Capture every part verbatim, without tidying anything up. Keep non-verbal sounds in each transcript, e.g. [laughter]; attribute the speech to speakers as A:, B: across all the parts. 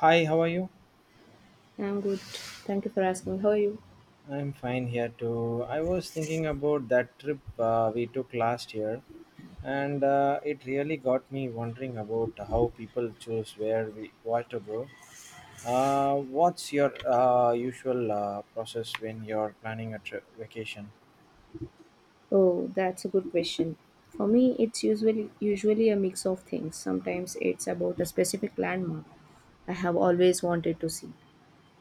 A: Hi, how are you?
B: I'm good. Thank you for asking. How are you?
A: I'm fine here too. I was thinking about that trip uh, we took last year, and uh, it really got me wondering about how people choose where we what to go. Uh, what's your uh, usual uh, process when you're planning a trip vacation?
B: Oh, that's a good question. For me, it's usually usually a mix of things. Sometimes it's about a specific landmark I have always wanted to see,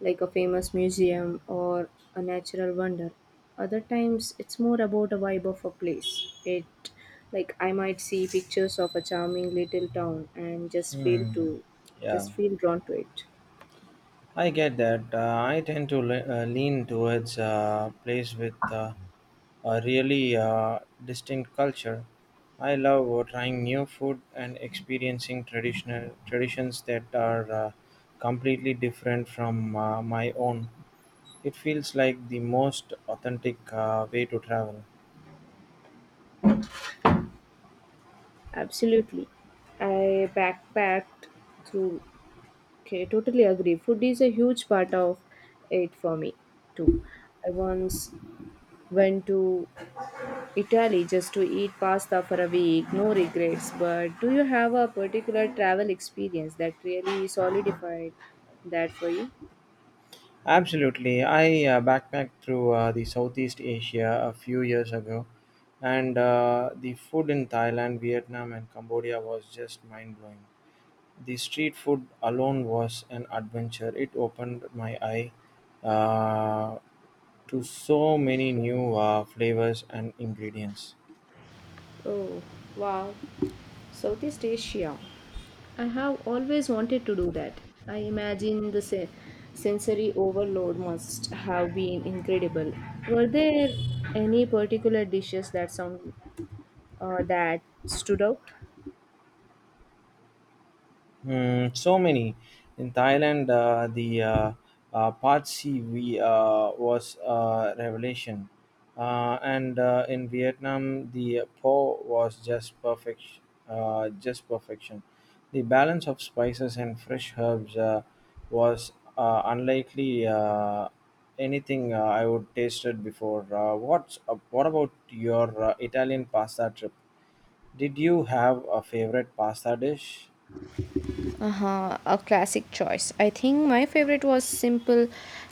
B: like a famous museum or a natural wonder. Other times, it's more about a vibe of a place. It like I might see pictures of a charming little town and just feel
A: Hmm.
B: to
A: Yeah,
B: just feel drawn to it.
A: I get that. Uh, I tend to le- uh, lean towards a place with uh, a really uh, distinct culture. I love uh, trying new food and experiencing traditional traditions that are uh, completely different from uh, my own. It feels like the most authentic uh, way to travel.
B: Absolutely. I backpacked through. Okay, totally agree. Food is a huge part of it for me too. I once went to Italy just to eat pasta for a week, no regrets. But do you have a particular travel experience that really solidified that for you?
A: Absolutely, I uh, backpacked through uh, the Southeast Asia a few years ago, and uh, the food in Thailand, Vietnam, and Cambodia was just mind blowing. The street food alone was an adventure. It opened my eye uh, to so many new uh, flavors and ingredients.
B: Oh, wow. Southeast Asia. I have always wanted to do that. I imagine the se- sensory overload must have been incredible. Were there any particular dishes that sound uh, that stood out?
A: Mm, so many in Thailand, uh, the uh, uh, Pad C we uh, was a revelation, uh, and uh, in Vietnam, the Po was just perfect, uh, just perfection. The balance of spices and fresh herbs uh, was uh, unlikely uh, anything uh, I would tasted before. Uh, what's uh, what about your uh, Italian pasta trip? Did you have a favorite pasta dish?
B: Uh-huh, a classic choice. I think my favorite was simple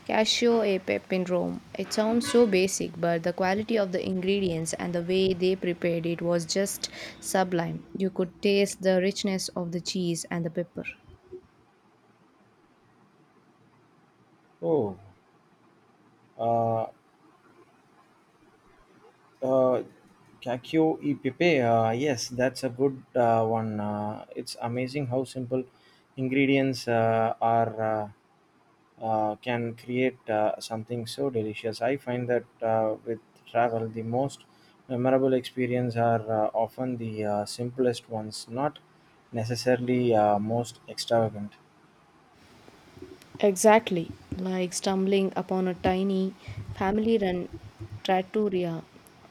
B: cashew e pepe in Rome. It sounds so basic, but the quality of the ingredients and the way they prepared it was just sublime. You could taste the richness of the cheese and the pepper.
A: Oh. Uh, uh, Kakyo y Pepe, uh, yes, that's a good uh, one. Uh, it's amazing how simple ingredients uh, are uh, uh, can create uh, something so delicious. I find that uh, with travel, the most memorable experience are uh, often the uh, simplest ones, not necessarily uh, most extravagant.
B: Exactly, like stumbling upon a tiny family run trattoria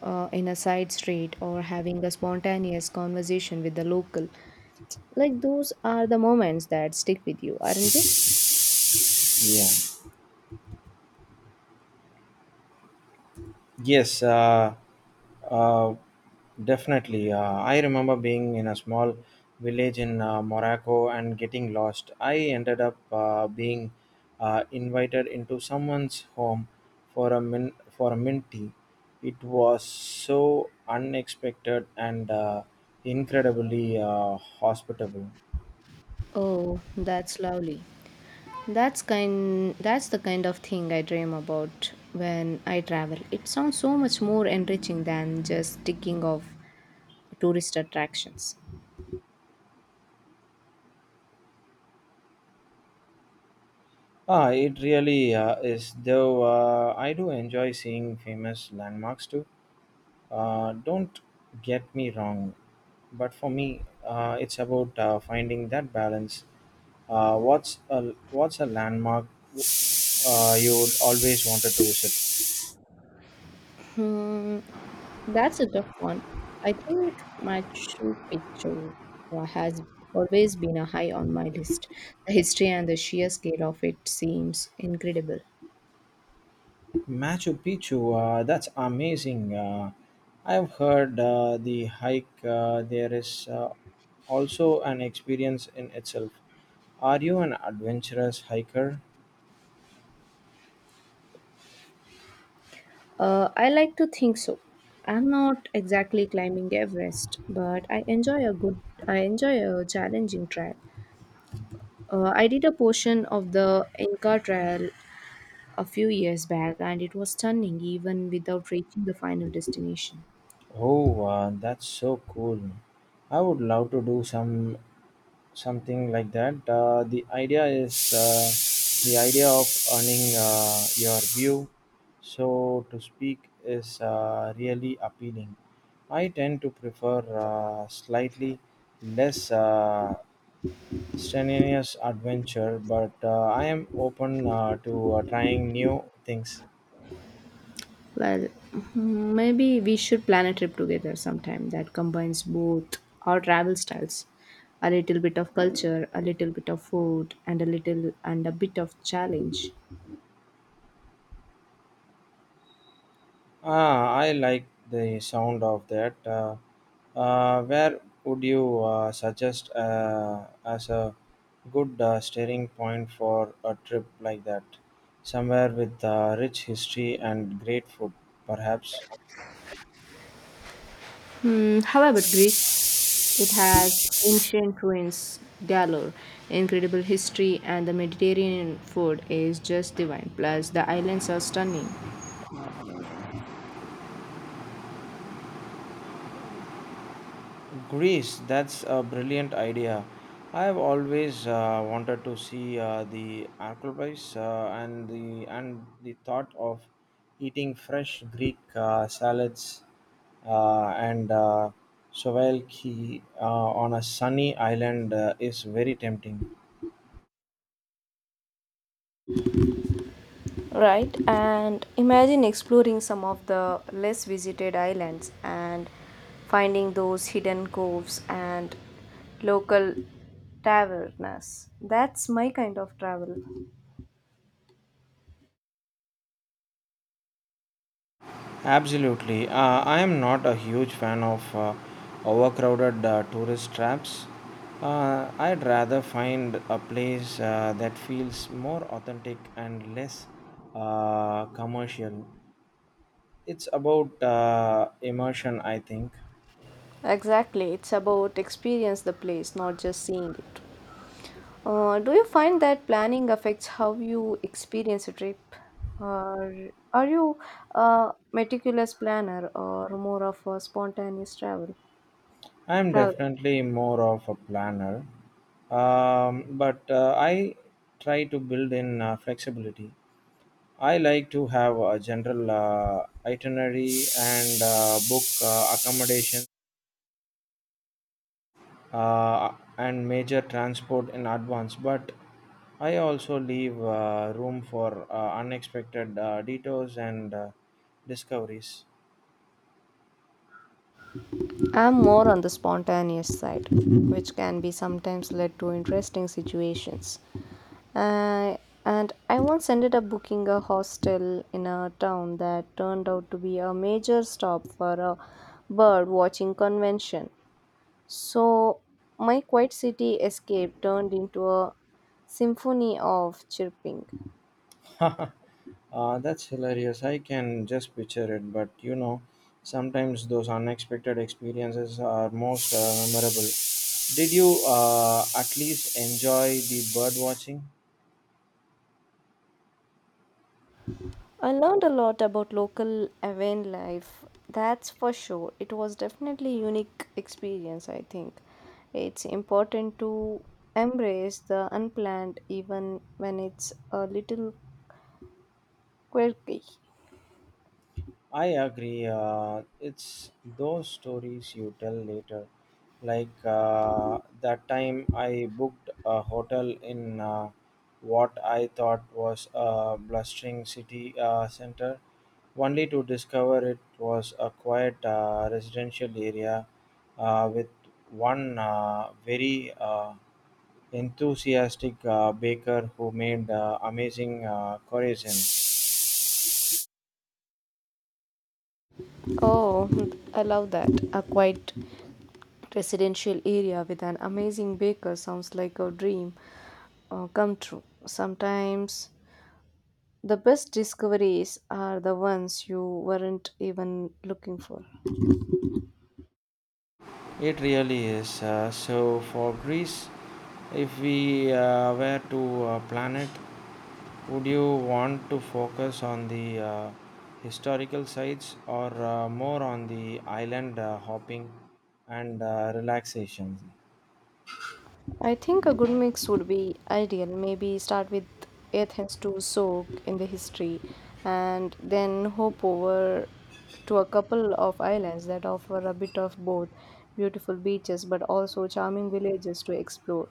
B: uh, in a side street or having a spontaneous conversation with the local. Like, those are the moments that stick with you, aren't they?
A: Yeah. Yes, uh, uh, definitely. Uh, I remember being in a small village in uh, Morocco and getting lost. I ended up uh, being uh, invited into someone's home for a min for a mint tea. It was so unexpected and uh, incredibly uh, hospitable.
B: Oh, that's lovely. That's kind that's the kind of thing I dream about when I travel. It sounds so much more enriching than just ticking off tourist attractions.
A: Ah, it really uh, is. Though uh, I do enjoy seeing famous landmarks too. Uh, don't get me wrong, but for me, uh, it's about uh, finding that balance. Uh, what's a what's a landmark uh, you would always wanted to visit?
B: Hmm, that's a tough one. I think Machu Picchu wa- has always been a high on my list. The history and the sheer scale of it seems incredible.
A: Machu Picchu. Uh, that's amazing. Uh, I've heard uh, the hike uh, there is uh, also an experience in itself. Are you an adventurous hiker?
B: Uh, I like to think so. I'm not exactly climbing Everest, but I enjoy a good, I enjoy a challenging trail. Uh, I did a portion of the Inca Trail a few years back, and it was stunning even without reaching the final destination.
A: Oh, uh, that's so cool. I would love to do some something like that. Uh, the idea is uh, the idea of earning uh, your view, so to speak, is uh, really appealing. I tend to prefer uh, slightly less uh, strenuous adventure, but uh, I am open uh, to uh, trying new things.
B: Well, hmm, maybe we should plan a trip together sometime that combines both our travel styles, a little bit of culture, a little bit of food, and a little and a bit of challenge.
A: Ah, I like the sound of that. Uh, uh, where would you uh, suggest uh, as a good uh, steering point for a trip like that? Somewhere with uh, rich history and great food, perhaps.
B: Hmm, how about Greece? It has ancient ruins galore, incredible history, and the Mediterranean food is just divine. Plus, the islands are stunning.
A: Greece, that's a brilliant idea. I have always uh, wanted to see uh, the Acropolis uh, and the and the thought of eating fresh Greek uh, salads uh, and uh, souvlaki uh, on a sunny island uh, is very tempting.
B: Right, and imagine exploring some of the less visited islands and finding those hidden coves and local tavernas. That's my kind of travel.
A: Absolutely. Uh, I am not a huge fan of uh, overcrowded uh, tourist traps. Uh, I'd rather find a place uh, that feels more authentic and less uh, commercial. It's about uh, immersion, I think.
B: Exactly, it's about experience the place not just seeing it. Uh, do you find that planning affects how you experience a trip, or are you a meticulous planner or more of a spontaneous travel
A: I'm
B: travel
A: definitely more of a planner, um, but uh, I try to build in uh, flexibility. I like to have a general uh, itinerary and uh, book uh, accommodation uh, and major transport in advance, but I also leave uh, room for uh, unexpected uh, detours and uh, discoveries.
B: I'm more on the spontaneous side, which can be sometimes led to interesting situations. Uh, and I once ended up booking a hostel in a town that turned out to be a major stop for a bird watching convention. So my quiet city escape turned into a symphony of chirping.
A: [laughs] uh, that's hilarious. I can just picture it, but you know, sometimes those unexpected experiences are most uh, memorable. Did you uh, at least enjoy the bird watching?
B: I learned a lot about local Aven life. That's for sure. It was definitely unique experience, I think. It's important to embrace the unplanned even when it's a little quirky.
A: I agree. Uh, it's those stories you tell later. Like uh, that time I booked a hotel in uh, what I thought was a blustering city uh, center, only to discover it was a quiet uh, residential area uh, with one uh, very uh, enthusiastic uh, baker who made uh, amazing uh, croissants.
B: Oh, I love that. A quiet residential area with an amazing baker sounds like a dream uh, come true. Sometimes the best discoveries are the ones you weren't even looking for.
A: It really is. Uh, so for Greece, if we uh, were to uh, plan it, would you want to focus on the uh, historical sites or uh, more on the island uh, hopping and uh, relaxation?
B: I think a good mix would be ideal. Maybe start with Athens to soak in the history and then hop over to a couple of islands that offer a bit of both beautiful beaches but also charming villages to explore.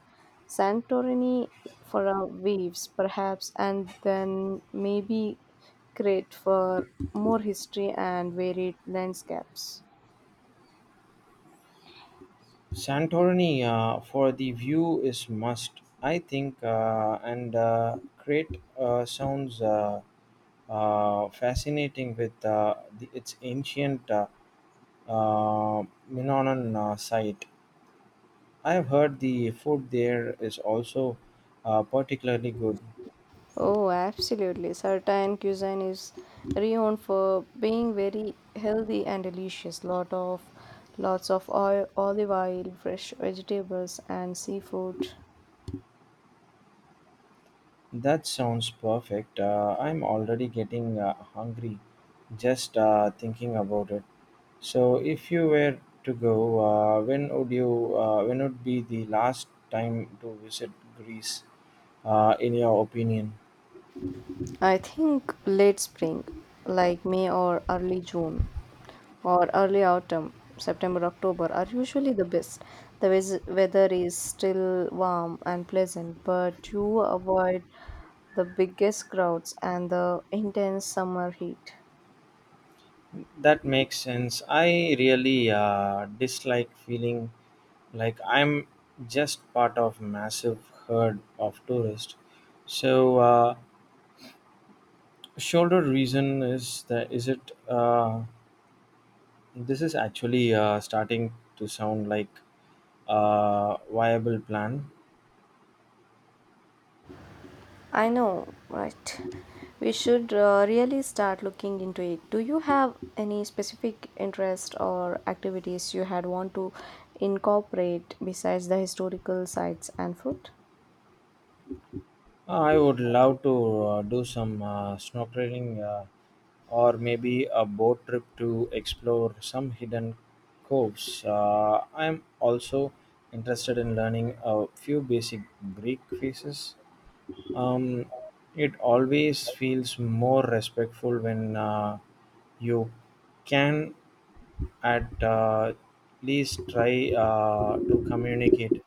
B: Santorini for our waves, perhaps, and then maybe Crete for more history and varied landscapes.
A: Santorini uh, for the view is must, I think, uh, and uh, Crete uh, sounds uh, uh, fascinating with uh, the, its ancient. Uh, uh, Minoan uh, site. I have heard the food there is also uh, particularly good.
B: Oh, absolutely. Certain cuisine is renowned for being very healthy and delicious. Lot of lots of oil, olive oil, fresh vegetables and seafood.
A: That sounds perfect. Uh, I'm already getting uh, hungry just uh, thinking about it. So, if you were to go, uh, when would you? Uh, when would be the last time to visit Greece, uh, in your opinion?
B: I think late spring, like May or early June or early autumn, September, October are usually the best. The wes- weather is still warm and pleasant, but you avoid the biggest crowds and the intense summer heat.
A: That makes sense. I really uh, dislike feeling like I'm just part of massive herd of tourists. So, uh, shoulder reason is that is it? Uh, this is actually uh, starting to sound like a viable plan.
B: I know, right? We should uh, really start looking into it. Do you have any specific interest or activities you had want to incorporate besides the historical sites and food?
A: Uh, I would love to uh, do some uh, snorkeling uh, or maybe a boat trip to explore some hidden coves. Uh, I'm also interested in learning a few basic Greek phrases. Um, it always feels more respectful when uh, you can at uh, least try uh, to communicate.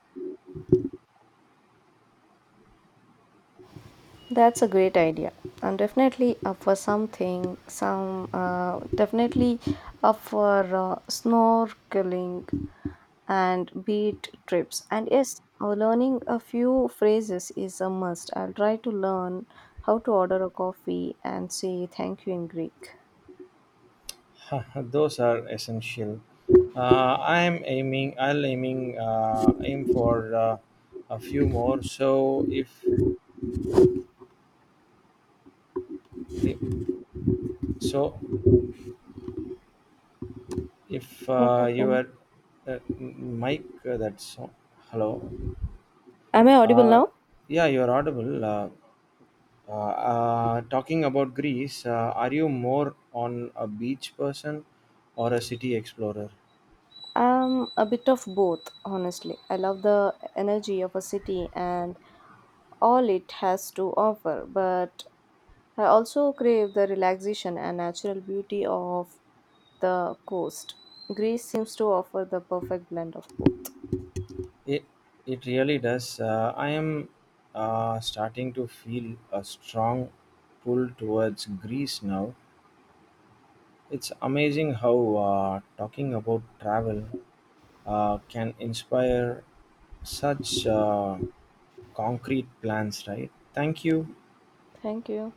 B: That's a great idea. I'm definitely up for something, some, uh, definitely up for uh, snorkeling and beach trips. And yes, uh, learning a few phrases is a must. I'll try to learn how to order a coffee and say thank you in Greek.
A: [laughs] Those are essential. Uh, I'm aiming. I'll aiming uh, aim for uh, a few more. So if, if so, if
B: What
A: uh, you
B: happened?
A: are uh, Mike, uh, that's uh, hello.
B: Am I audible
A: Uh,
B: now?
A: yeah, you're audible. Uh, uh, uh, talking about Greece, uh, are you more on a beach person or a city explorer?
B: I'm a bit of both, honestly. I love the energy of a city and all it has to offer, but I also crave the relaxation and natural beauty of the coast. Greece seems to offer the perfect blend of both.
A: It it really does. Uh, I am uh, starting to feel a strong pull towards Greece now. It's amazing how uh, talking about travel uh, can inspire such uh, concrete plans, right? Thank you.
B: Thank you.